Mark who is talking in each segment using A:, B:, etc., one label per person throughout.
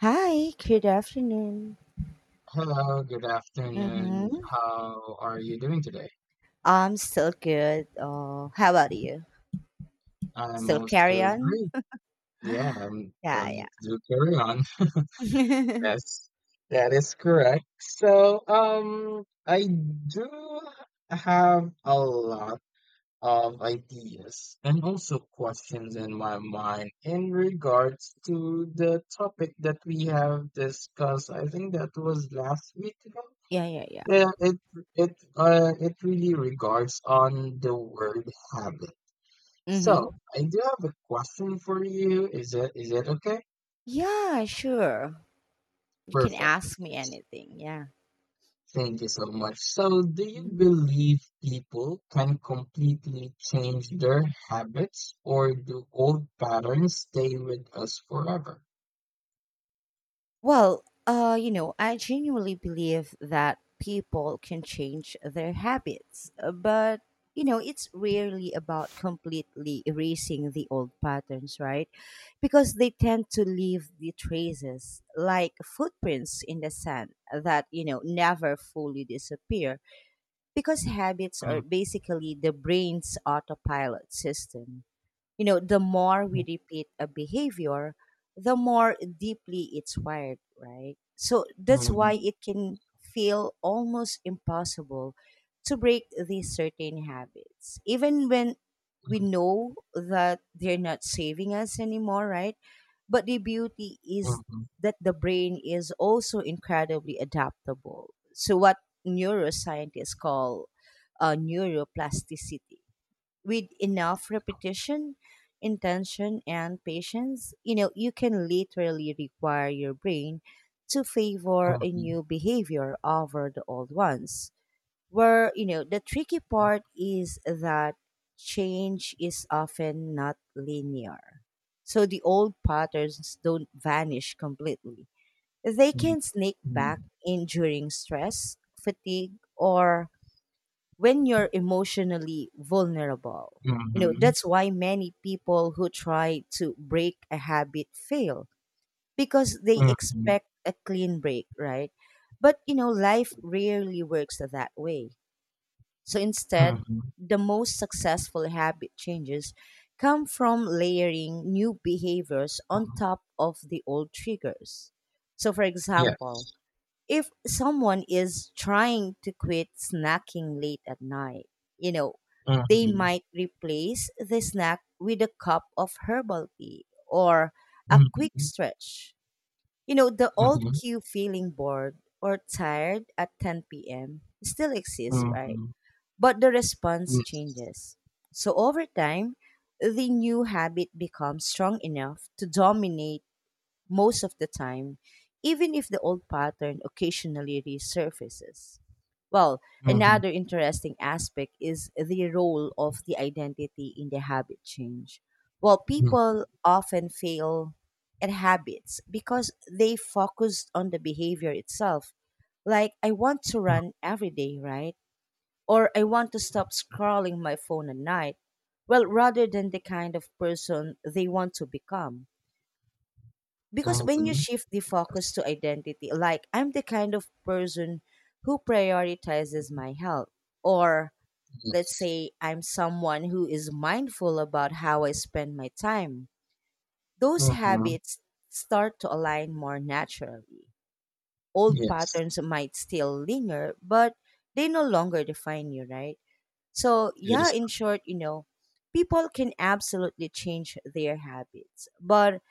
A: Hi, good afternoon.
B: Hello, good afternoon.
A: Mm-hmm.
B: How are you doing today?
A: I'm still good. Oh, how about you?
B: I'm
A: Still
B: also
A: carry on?
B: great. Yeah, so
A: Yeah, yeah.
B: let's do carry on. Yes, that is correct. I do have a lot of ideas and also questions in my mind in regards to the topic that we have discussed. I think that was last week ago.
A: Yeah, yeah, yeah.
B: Yeah, it really regards on the word habit. So
A: Mm-hmm.
B: I do have a question for you. Is it okay?
A: Yeah, sure. You can
B: Perfect.
A: ask me anything. Yeah.
B: Thank you so much. So do you believe people can completely change their habits, or do old patterns stay with us forever?
A: Well, I genuinely believe that people can change their habits, but it's rarely about completely erasing the old patterns, right? Because they tend to leave the traces, like footprints in the sand that never fully disappear because habits
B: Mm,
A: are basically the brain's autopilot system. The more
B: mm,
A: we repeat a behavior, the more deeply it's wired, right? So that's why
B: mm,
A: it can feel almost impossible to break these certain habits, even when we know that they're not saving us anymore, right? But the beauty is
B: mm,
A: that the brain is also incredibly adaptable. So, what neuroscientists call neuroplasticity with enough repetition, intention, and patience, you can literally require your brain to favor a
B: mm,
A: new behavior over the old ones. Where the tricky part is that change is often not linear. So the old patterns don't vanish completely. They
B: mm,
A: can sneak
B: mm, mm, mm,
A: back in during stress, fatigue, or when you're emotionally vulnerable.
B: mm,
A: That's why many people who try to break a habit fail because they
B: mm,
A: expect a clean break, right? But life rarely works that way. So
B: mm,
A: instead,
B: mm,
A: the most successful habit changes come from layering new behaviors on
B: mm.
A: top of the old triggers. So, for example,
B: Yes.
A: if someone is trying to quit snacking late at night, you know, they
B: Mhm.
A: might replace the snack with a cup of herbal tea or a quick
B: Mhm.
A: stretch. The old
B: Mhm.
A: cue feeling bored or tired at 10 p.m. still exists, right?
B: Mhm.
A: But the response
B: Yes.
A: changes. So over time, the new habit becomes strong enough to dominate most of the time, even if the old pattern occasionally resurfaces. Well,
B: Mhm.
A: another interesting aspect is the role of the identity in the habit change. Well,
B: Mhm.
A: people often fail at habits because they focused on the behavior itself. Like, I want to
B: Mhm.
A: run every day, right? Or I want to stop scrolling my phone at night. Well, rather than the kind of person they want to become, because when you
B: Mhm.
A: shift the focus
B: Yes.
A: to identity, like, I'm the kind of person who prioritizes my health, or let's
B: Yes.
A: say, I'm someone who is mindful about how I spend my time, those
B: Mhm.
A: habits start to align more naturally. Old
B: Yes.
A: patterns might still linger, but they no longer define you, right? So,
B: That
A: yeah,
B: is.
A: in short, people can absolutely change their habits, but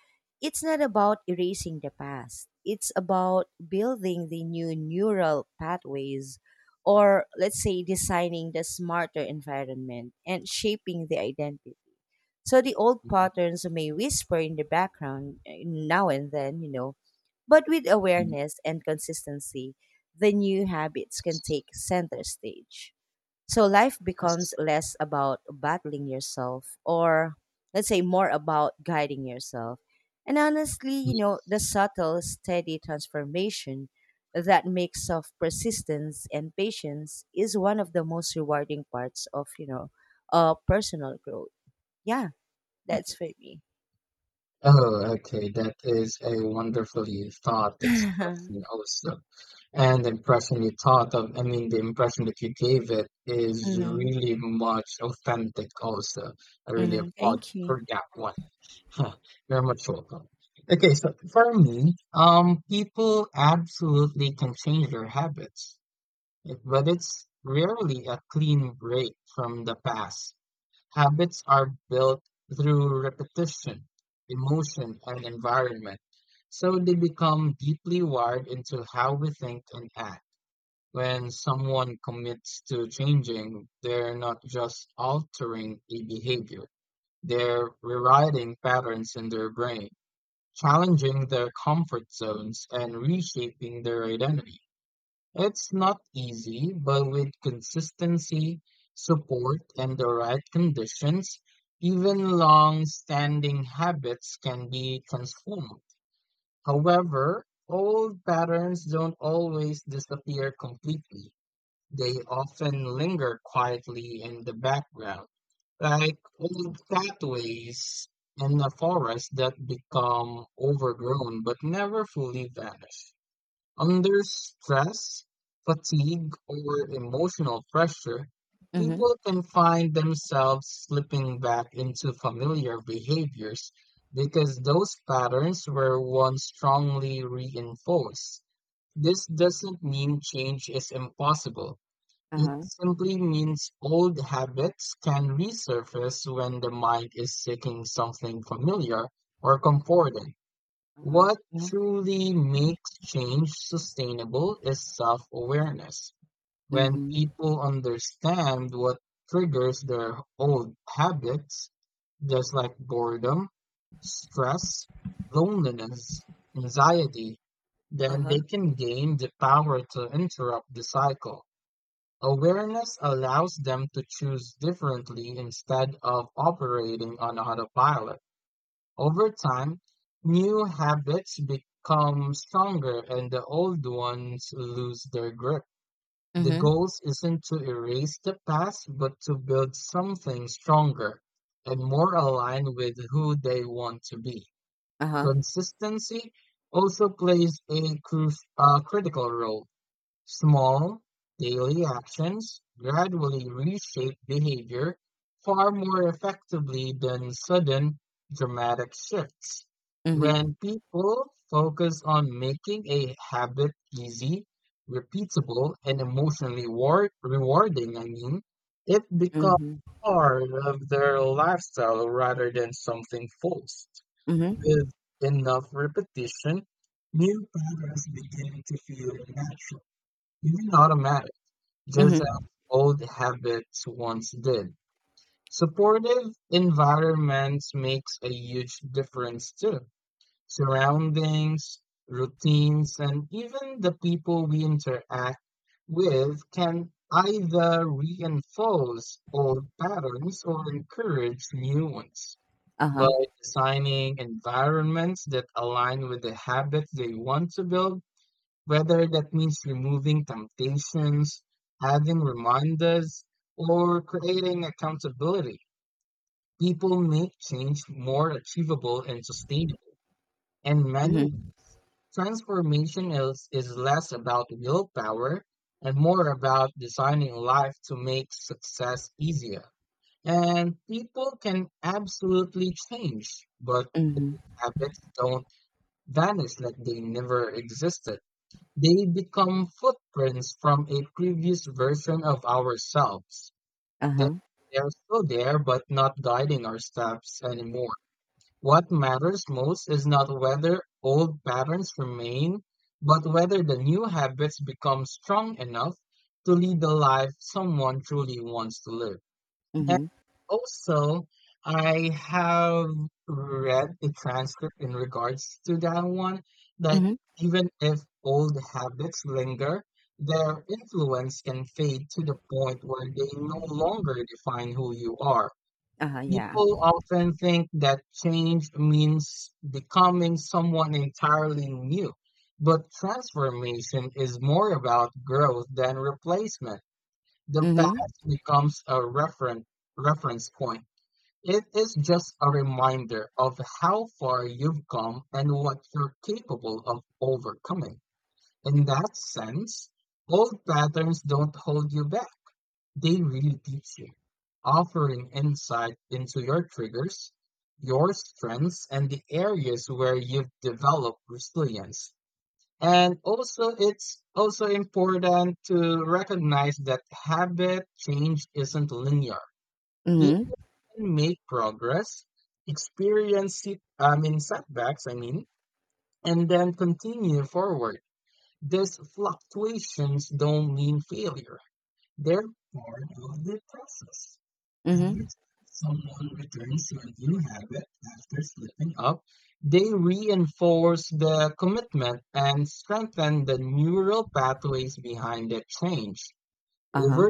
A: it's not about erasing the past. It's about building the new neural pathways, or let's say designing the smarter environment and shaping the identity. So the old patterns may whisper in the background, now and then but with
B: Mhm.
A: awareness and consistency, the new habits can
B: Yes.
A: take center stage. So life becomes less about battling yourself, or let's say more about guiding yourself. And honestly
B: Yes.
A: the subtle, steady transformation, that mix of persistence and patience, is one of the most rewarding parts of personal growth. Yeah, that's for me.
B: Oh, okay. That is a wonderfully thought
A: Yeah.
B: expression also. And the impression you thought of, I mean, the impression that you gave it is
A: Mm-hmm.
B: really much authentic also. I really
A: Mm-hmm.
B: applaud
A: Thank
B: you
A: you.
B: for that one. Huh, you're much welcome. Okay, so for me, people absolutely can change their habits, but it's rarely a clean break from the past. Habits are built through repetition, emotion, and environment, so they become deeply wired into how we think and act. When someone commits to changing, they're not just altering a behavior, they're rewriting patterns in their brain, challenging their comfort zones and reshaping their identity. It's not easy, but with consistency, support, and the right conditions, even long standing habits can be transformed. However, old patterns don't always disappear completely. They often linger quietly in the background, like old pathways in a forest that become overgrown but never fully vanish. Under stress, fatigue, or emotional pressure,
A: Mm-hmm.
B: people can find themselves slipping back into familiar behaviors because those patterns were once strongly reinforced. This doesn't mean change is impossible. It
A: Uh-huh.
B: simply means old habits can resurface when the mind is seeking something familiar or comforting.
A: Uh-huh.
B: What
A: Yeah.
B: truly makes change sustainable is self awareness. When
A: Mm-hmm.
B: people understand what triggers their old habits, just like boredom, stress, loneliness, anxiety, then
A: Uh-huh.
B: they can gain the power to interrupt the cycle. Awareness allows them to choose differently instead of operating on autopilot. Over time, new habits become stronger and the old ones lose their grip. The
A: Mm-hmm.
B: goal isn't to erase the past, but to build something stronger and more aligned with who they want to be.
A: Uh-huh.
B: Consistency also plays a critical role. Small, daily actions gradually reshape behavior far more effectively than sudden, dramatic shifts.
A: Mm-hmm.
B: When people focus on making a habit easy, repeatable, and emotionally rewarding, I mean, it becomes
A: Mm-hmm.
B: part of their lifestyle rather than something forced.
A: Mm-hmm.
B: With enough repetition, new patterns begin to feel natural, even automatic, just as
A: Mhm.
B: old habits once did. Supportive environments makes a huge difference too. Surroundings, routines, and even the people we interact with can either reinforce old patterns or encourage new ones. By
A: Uh-huh.
B: designing environments that align with the habits they want to build, whether that means removing temptations, having reminders, or creating accountability. People make change more achievable and sustainable. And manual
A: Mhm.
B: transformation is less about willpower and more about designing life to make success easier. And people can absolutely change, but
A: Mhm.
B: habits don't vanish like they never existed. They become footprints from a previous version of ourselves. They,
A: Uh-huh.
B: they are still there but not guiding our steps anymore. What matters most is not whether old patterns remain, but whether the new habits become strong enough to lead the life someone truly wants to live.
A: Mhm.
B: Also, I have read the transcript in regards to that one, that
A: Mhm.
B: even if old habits linger, their influence can fade to the point where they no longer define who you are.
A: Uh-huh, yeah.
B: People often think that change means becoming someone entirely new, but transformation is more about growth than replacement. The
A: Mhm.
B: past becomes a reference point. It is just a reminder of how far you've come and what you're capable of overcoming. In that sense, old patterns don't hold you back, they really teach you, offering insight into your triggers, your strengths, and the areas where you've developed resilience. And also, it's also important to recognize that habit change isn't linear.
A: Mhm.
B: Can make progress, experience I mean setbacks, I mean, and then continue forward. These fluctuations don't mean failure. They're part of the process. Every
A: Mhm.
B: time someone returns to a new habit after slipping up, they reinforce the commitment and strengthen the neural pathways behind that change.
A: Uh-huh.
B: Over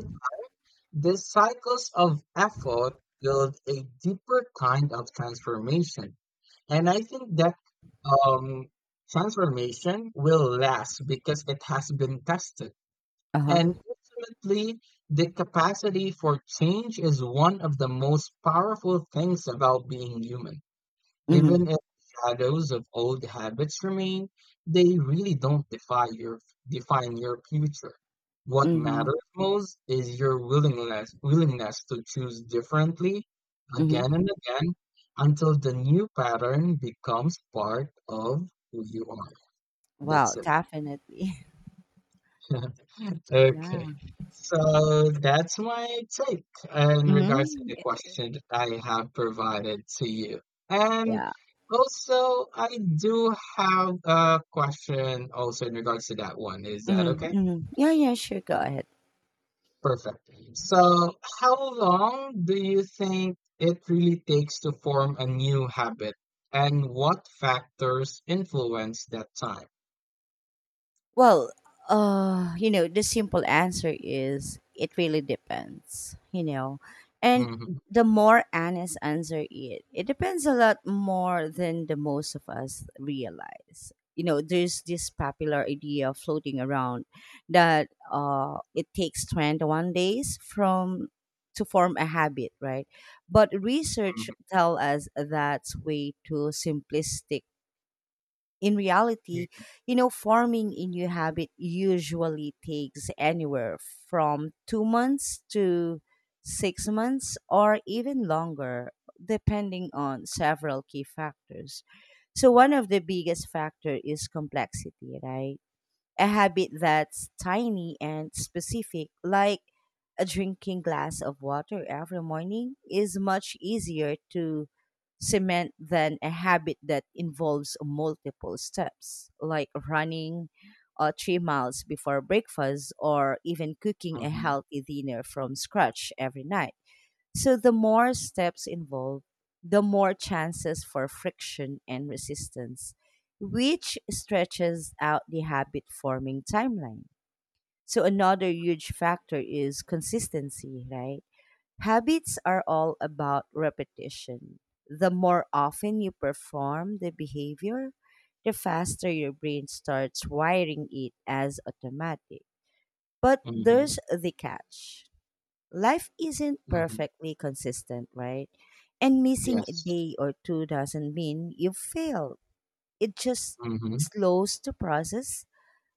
B: these cycles of effort build a deeper kind of transformation. And I think that um, transformation will last because it has been tested.
A: Uh-huh.
B: And ultimately, the capacity for change is one of the most powerful things about being human. Even
A: Mhm.
B: if shadows of old habits remain, they really don't defy your define your future. What
A: Mhm.
B: matters most is your willingness to choose differently again
A: Mhm.
B: and again until the new pattern becomes part of who you are.
A: Well,
B: That's it.
A: definitely.
B: Okay.
A: Yeah.
B: So that's my take in regards to
A: Mhm.
B: the question that I have provided to you. And
A: Yeah.
B: also, I do have a question also in regards to that one. Is that
A: Mhm.
B: okay?
A: Mhm. Yeah, yeah, sure. Go ahead.
B: Perfect. So, how long do you think it really takes to form a new habit, and what factors influence that time?
A: Well, the simple answer is it really depends. And
B: hmm
A: the more honest answer is it depends a lot more than the most of us realize. There's this popular idea floating around that it takes 21 days from to form a habit, right? But research tell us that's way too simplistic in reality.
B: hmm
A: Forming a new habit usually takes anywhere from 2 months to 6 months or even longer, depending on several key factors. So, one of the biggest factor is complexity, right? A habit that's tiny and specific, like a drinking glass of water every morning, is much easier to cement than a habit that involves multiple steps, like running 3 miles before breakfast, or even cooking a
B: hmm
A: healthy dinner from scratch every night. So, the more steps involved, the more chances for friction and resistance, which stretches out the habit forming timeline. So another huge factor is consistency, right? Habits are all about repetition. The more often you perform the behavior, the faster your brain starts wiring it as automatic. But
B: hmm
A: there's the catch. Life isn't
B: hmm
A: perfectly consistent, right? And missing a
B: Yes.
A: day or two doesn't mean you failed. It just
B: Mm-hmm.
A: slows the process.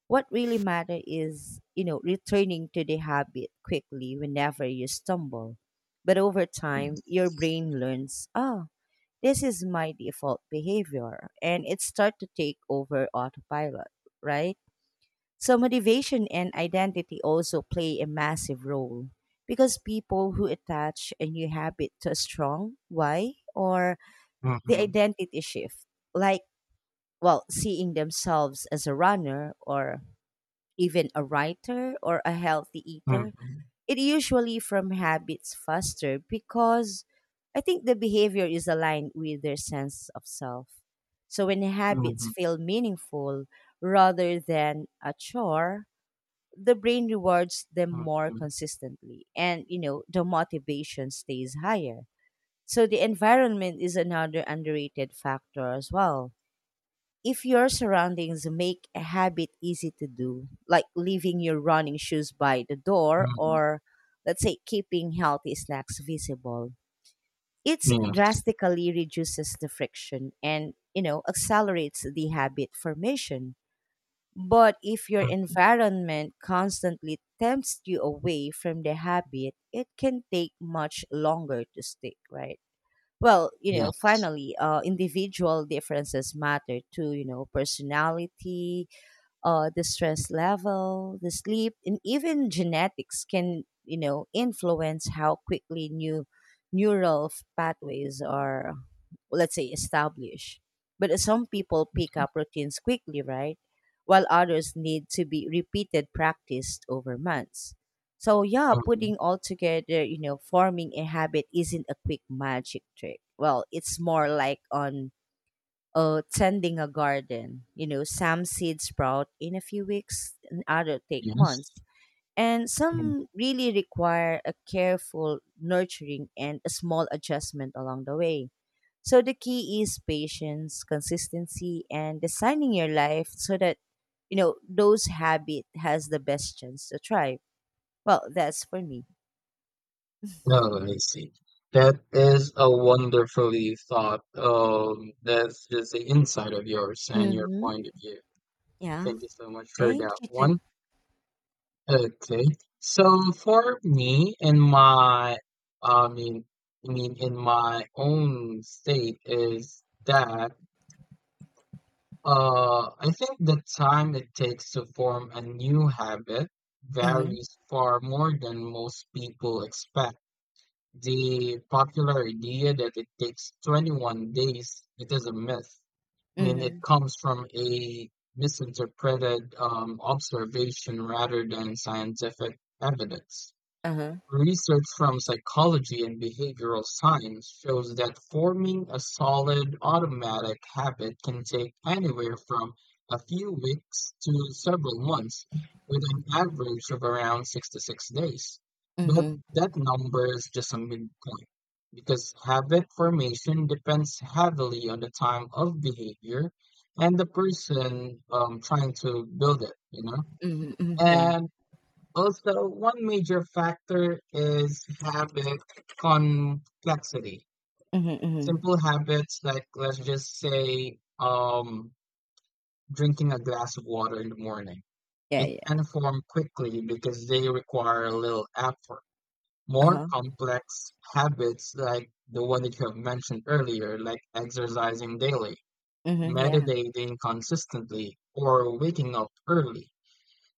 A: What really matters is returning to the habit quickly whenever you stumble. But over time, your
B: Yes.
A: brain learns, oh, this is my default behavior, and it starts to take over autopilot, right? So motivation and identity also play a massive role, because people who attach a new habit to a strong why, or the
B: Mhm.
A: identity shift, like, well, seeing themselves as a runner, or even a writer or a healthy eater,
B: Mhm.
A: it usually from habits faster because I think the behavior is aligned with their sense of self. So when habits
B: Mhm.
A: feel meaningful rather than a chore, the brain rewards them more
B: Mhm.
A: consistently, and the motivation stays higher. So the environment is another underrated factor as well. If your surroundings make a habit easy to do, like leaving your running shoes by the door,
B: Mhm.
A: or let's say keeping healthy snacks visible, it
B: Yes.
A: drastically reduces the friction and accelerates the habit formation. But if your
B: Mm.
A: environment constantly tempts you away from the habit, it can take much longer to stick, right? Well,
B: Yes.
A: finally, individual differences matter too. Personality, the stress level, the sleep, and even genetics can influence how quickly new neural pathways are, let's say, established. But some people pick
B: Mhm.
A: up routines quickly, right? While others need to be repeated practiced over months. So yeah,
B: Mhm.
A: putting all together, forming a habit isn't a quick magic trick. Well, it's more like on tending a garden. Some seeds sprout in a few weeks, and other take
B: Yes.
A: months. And
B: Mm.
A: some really require a careful nurturing and a small adjustment along the way. So the key is patience, consistency, and designing your life so that those habit has the best chance to thrive. Well, that's for me.
B: Oh, I see. That is a wonderfully thought. That's just the insight of yours and your
A: Mm-hmm.
B: point of view.
A: Yeah.
B: Thank you so much for that
A: Thank you too.
B: one. Okay. So for me and my, I mean, I mean, in my own state is that, I think the time it takes to form a new habit
A: Mm-hmm.
B: varies far more than most people expect. The popular idea that it takes 21 days, it is a myth. I mean, it
A: Mm-hmm.
B: comes from a misinterpreted observation rather than scientific evidence.
A: Uh-huh.
B: Research from psychology and behavioral science shows that forming a solid automatic habit can take anywhere from a few weeks to several months, with an average of around 66 days. But
A: Mm-hmm.
B: that number is just a midpoint, because habit formation depends heavily on the time of behavior and the person trying to build it, you know?
A: Mm-hmm. Mm-hmm. Yeah.
B: And also, one major factor is habit complexity.
A: Mm-hmm. Mm-hmm.
B: Simple habits like, let's just say, drinking a glass of water in the morning,
A: Yeah.
B: it
A: Yeah.
B: can form quickly because they require a little effort. More
A: Uh-huh.
B: complex habits like the one that you have mentioned earlier, like exercising daily,
A: Mhm, yeah.
B: meditating consistently, or waking up early,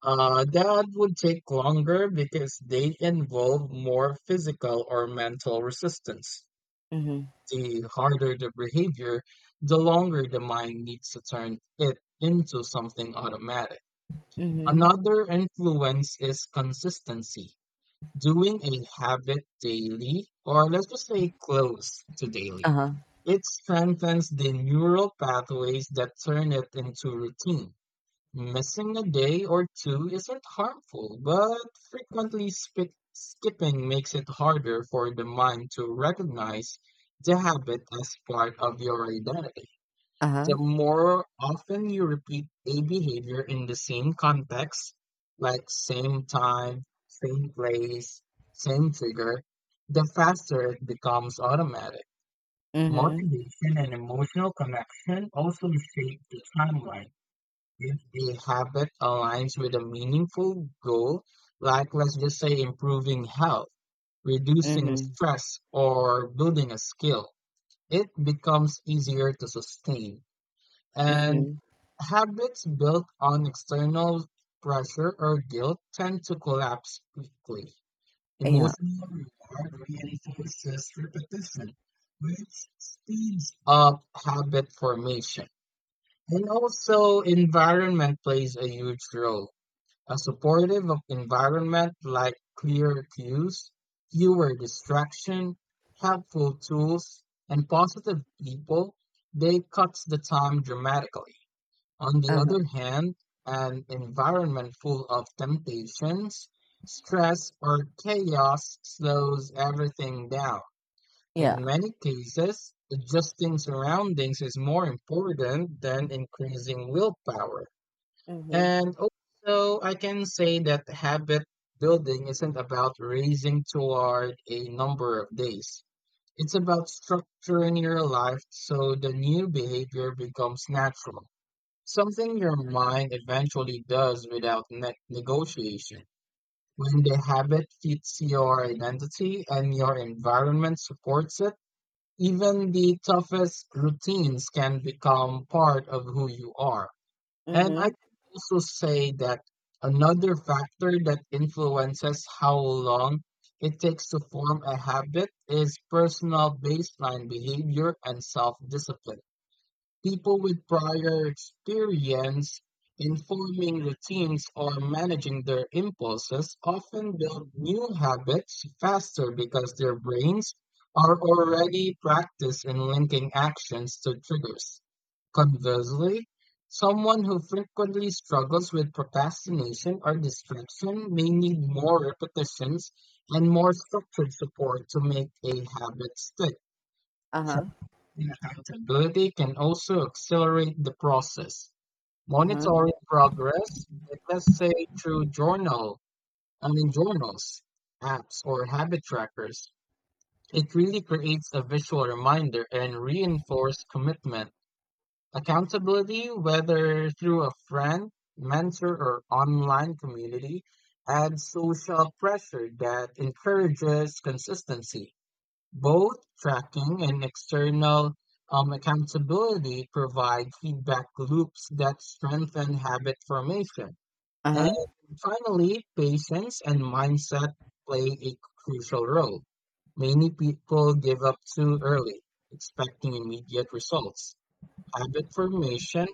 B: that would take longer because they involve more physical or mental resistance.
A: Mhm.
B: The harder the behavior, the longer the mind needs to turn it into something automatic.
A: Mhm.
B: Another influence is consistency. Doing a habit daily, or let's just say close to daily,
A: Uh-huh.
B: it strengthens the neural pathways that turn it into routine. Missing a day or two isn't harmful, but frequently skipping makes it harder for the mind to recognize the habit as part of your identity.
A: Uh-huh.
B: The more often you repeat a behavior in the same context, like same time, same place, same trigger, the faster it becomes automatic.
A: Mhm.
B: Motivation and emotional connection also shape the timeline. If the habit aligns with a meaningful goal, like let's just say improving health, reducing
A: Mhm.
B: stress, or building a skill, it becomes easier to sustain. And
A: Mhm.
B: habits built on external pressure or guilt tend to collapse quickly.
A: Yeah.
B: Emotional reward reinforces repetition, which speeds up habit formation. And also, environment plays a huge role. A supportive of environment like clear cues, fewer distraction, helpful tools, and positive people, they cuts the time dramatically. On the
A: Uh-huh.
B: other hand, an environment full of temptations, stress, or chaos slows everything down.
A: Yeah.
B: In many cases, adjusting surroundings is more important than increasing willpower.
A: Mhm.
B: And also, I can say that habit building isn't about racing toward a number of days. It's about structuring your life so the new behavior becomes natural, something your mind eventually does without negotiation. When the habit fits your identity and your environment supports it, even the toughest routines can become part of who you are. And I
A: Mhm.
B: can also say that another factor that influences how long it takes to form a habit is personal baseline behavior and self-discipline. People with prior experience in forming routines or managing their impulses often build new habits faster because their brains are already practiced in linking actions to triggers. Conversely, someone who frequently struggles with procrastination or distraction may need more repetitions and more structured support to make a habit stick. Trust
A: Uh-huh.
B: and accountability can also accelerate the process.
A: Uh-huh.
B: Monitoring progress, like let's say through I mean journals, apps, or habit trackers, it really creates a visual reminder and reinforced commitment. Accountability, whether through a friend, mentor, or online community, adds social pressure that encourages consistency. Both tracking and external accountability provide feedback loops that strengthen habit formation. And
A: Uh-huh.
B: finally, patience and mindset play a crucial role. Many people give up too early, expecting immediate results habit formation,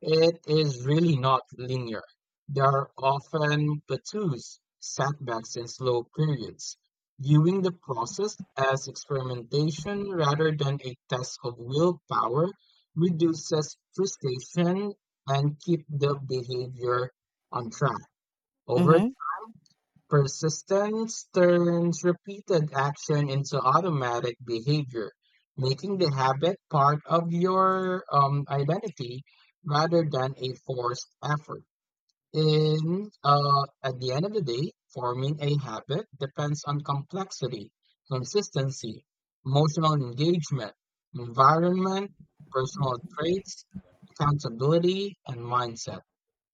B: it is really not linear. There are often plateaus, setbacks, and slow periods, viewing the process as experimentation rather than a test of willpower reduces frustration and keep the behavior on track. Over
A: Mhm.
B: Persistence turns repeated action into automatic behavior, making the habit part of your identity rather than a forced effort. In At the end of the day, forming a habit depends on complexity, consistency, emotional engagement, environment, personal traits, accountability, and mindset.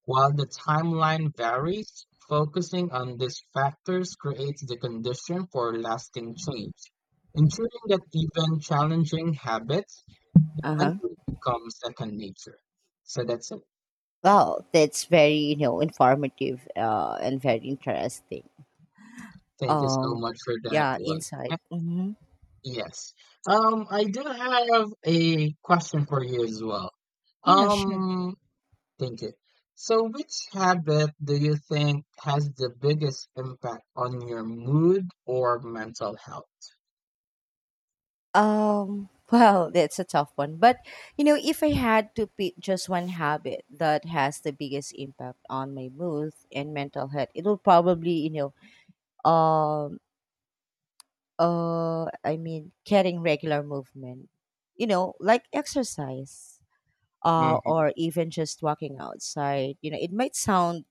B: While the timeline varies, focusing on these factors creates the condition for lasting change, ensuring that even challenging habits
A: Uh-huh.
B: eventually become second nature. So that's it.
A: Well, that's very informative and very interesting.
B: Thank you so
A: Um
B: much for that
A: yeah,
B: one. Eh,
A: insight. Mhm.
B: Yes. I do have a question for you as well.
A: Yeah, sure.
B: Um, thank you. So, which habit do you think has the biggest impact on your mood or mental health?
A: Well, that's a tough one. But if I had to pick just one habit that has the biggest impact on my mood and mental health, it would probably, um I mean, getting regular movement, like exercise, or even just walking outside. It might sound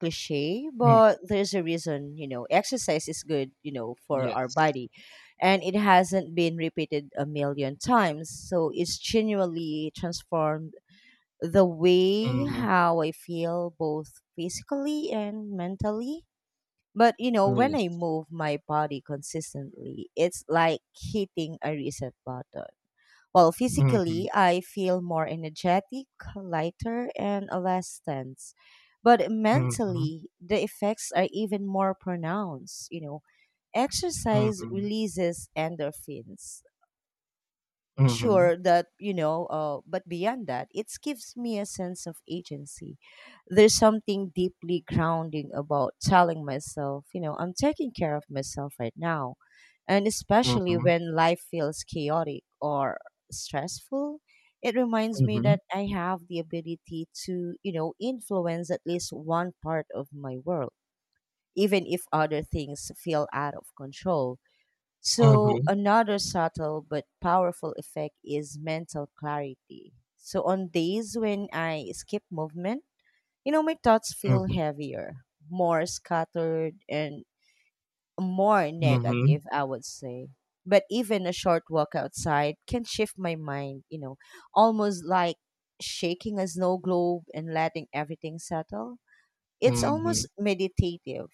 A: cliche,
B: Mm,
A: but there's a reason, exercise is good, for our
B: yes.
A: body, and it hasn't been repeated a million times, so it's genuinely transformed the way
B: Mhm,
A: how I feel, both physically and mentally. But when I
B: yes.
A: move my body consistently, it's like hitting a reset button. Well, physically,
B: Mhm,
A: I feel more energetic, lighter, and less tense. But
B: mhm,
A: mentally, the effects are even more pronounced.
B: mhm,
A: Exercise
B: mhm,
A: releases endorphins,
B: mhm,
A: sure that, but beyond that it gives me a sense of agency. There's something deeply grounding about telling myself, I'm taking care of myself right now, and
B: mhm,
A: especially
B: mhm,
A: when life feels chaotic or stressful, it reminds me that I have the ability to influence at least one part of my world, even if other things feel out of control. So, another subtle but powerful effect is mental clarity. So, on days when I skip movement, my thoughts feel
B: mhm,
A: heavier, more scattered, and more
B: mhm,
A: negative, I would say. But even a short walk outside can shift my mind, almost like shaking a snow globe and letting everything settle. It's almost
B: mhm,
A: meditative,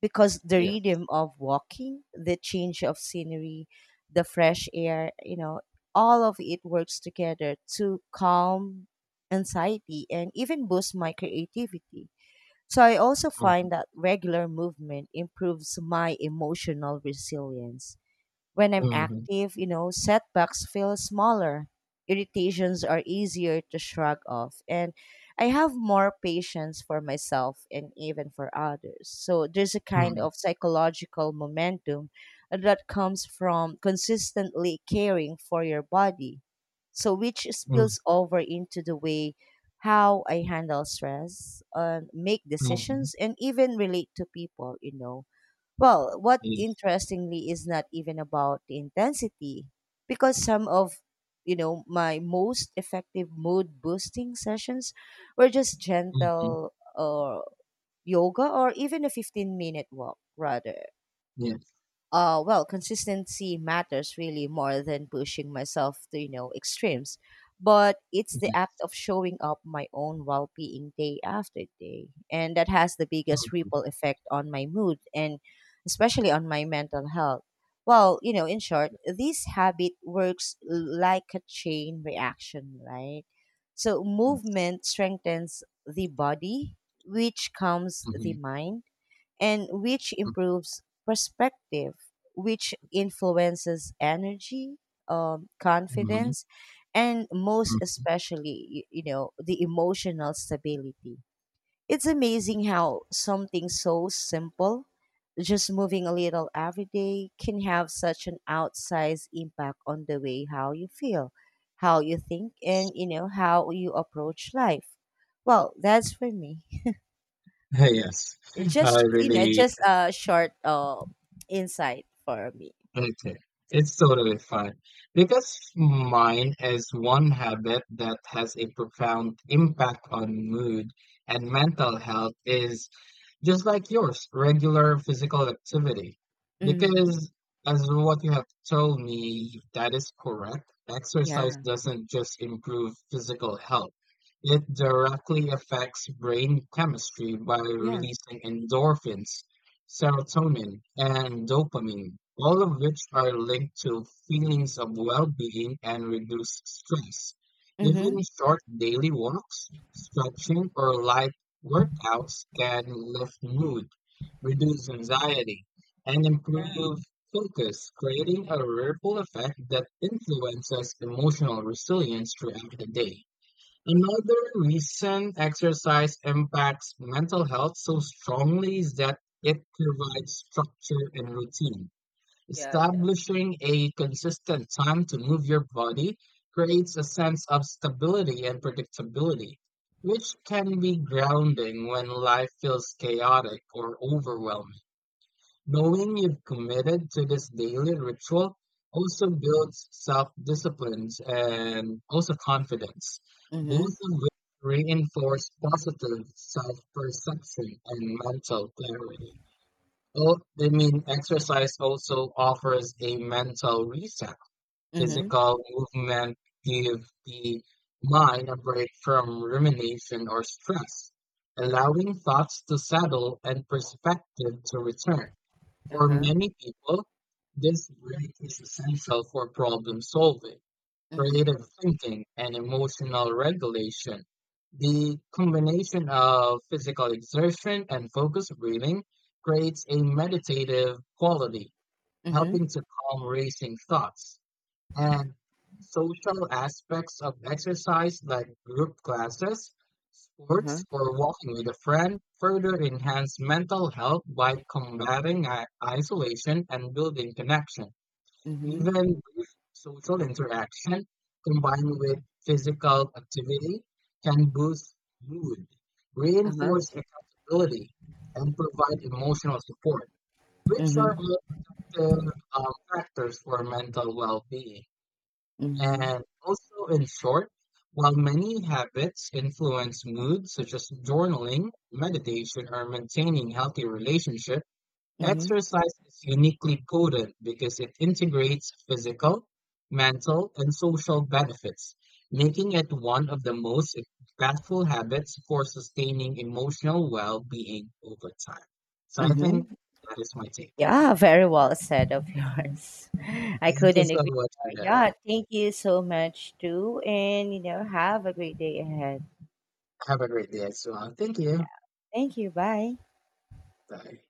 A: because the
B: yes.
A: rhythm of walking, the change of scenery, the fresh air, all of it works together to calm anxiety and even boost my creativity. So I also
B: Mhm,
A: find that regular movement improves my emotional resilience. When I'm
B: mhm,
A: active, setbacks feel smaller. Irritations are easier to shrug off. And I have more patience for myself and even for others. So there's a kind
B: mm,
A: of psychological momentum that comes from consistently caring for your body. So which
B: mm,
A: spills over into the way how I handle stress, make
B: mhm,
A: decisions, and even relate to people. Well, what
B: yes.
A: interestingly is not even about the intensity, because some of my most effective mood boosting sessions were just
B: Mhm,
A: gentle, or yoga, or even a 15-minute walk rather.
B: yes.
A: Well, consistency matters really more than pushing myself to extremes. But it's the act
B: Yes.
A: of showing up my own well-being day after day, and that has the biggest ripple effect on my mood and especially on my mental health. Well, in short, this habit works like a chain reaction, right? So
B: Mhm, yes.
A: movement strengthens the body, which calms the
B: Mhm,
A: mind, and which improves perspective, which influences energy,
B: mhm,
A: confidence, and most
B: mm,
A: especially, the emotional stability. It's amazing
B: yes.
A: how something so simple, just moving a little every day, can have such an outsized impact on the way how you feel, how you think, and how you approach life. Well, that's for me.
B: Yes. I
A: Just you know,
B: really
A: just a short insight for me.
B: Okay, it's totally fine. Because mine is one habit that has a profound impact on mood and mental health is just like yours, regular physical activity.
A: Mm-hmm.
B: Because, as what you have told me, that is correct. Exercise
A: Yeah.
B: doesn't just improve physical health, it directly affects brain chemistry by
A: Yeah.
B: releasing endorphins, serotonin, and dopamine, all of which are linked to feelings of well being and reduced stress.
A: Mm-hmm.
B: Even short daily walks, stretching, or light Workouts can lift mood, reduce anxiety, and
A: Yeah.
B: improve focus, creating a ripple effect that influences emotional resilience throughout the day. Another recent exercise impacts mental health so strongly is that it provides structure and routine.
A: Yeah. Yeah.
B: Establishing a consistent time to move your body creates a sense of stability and predictability, which can be grounding when life feels chaotic or overwhelming.
A: Uh-huh.
B: Knowing you've committed to this daily ritual also builds self-discipline and also confidence, both
A: Mm-hmm.
B: of which reinforce positive self-perception and mental clarity. Well, I mean, exercise also offers a mental reset.
A: Mm-hmm.
B: Physical movement give the mind a break from rumination or stress, allowing thoughts to settle and perspective to return. For
A: Uh-huh.
B: many people, this break is essential for problem solving,
A: Mm-hmm.
B: creative thinking, and emotional regulation. The combination of physical exertion and focused breathing creates a meditative quality,
A: Mm-hmm.
B: helping to calm racing thoughts and social aspects of exercise like group classes,
A: Uh-huh.
B: sports, or walking with a friend further enhance mental health by combating isolation and building connection.
A: Mm-hmm.
B: Even brief social interaction combined with physical activity can boost mood,
A: Uh-huh.
B: reinforce accountability, and provide emotional support, which are
A: Mm-hmm.
B: all the factors for mental well-being.
A: Mm-hmm.
B: And also, in short, while many habits influence mood, such as journaling, meditation, or maintaining healthy relationship,
A: Mm-hmm.
B: exercise is uniquely potent because it integrates physical, mental, and social benefits, making it one of the most impactful habits for sustaining emotional well-being over time. So I think
A: Mm-hmm.
B: that is my take.
A: Yeah, very well said of yours. I
B: Thank you
A: couldn't
B: so
A: agree
B: much for
A: more.
B: that one.
A: Yeah, thank you so much too, and have a great day ahead.
B: Have a great day as well. Thank you.
A: Thank you. Bye.
B: Bye.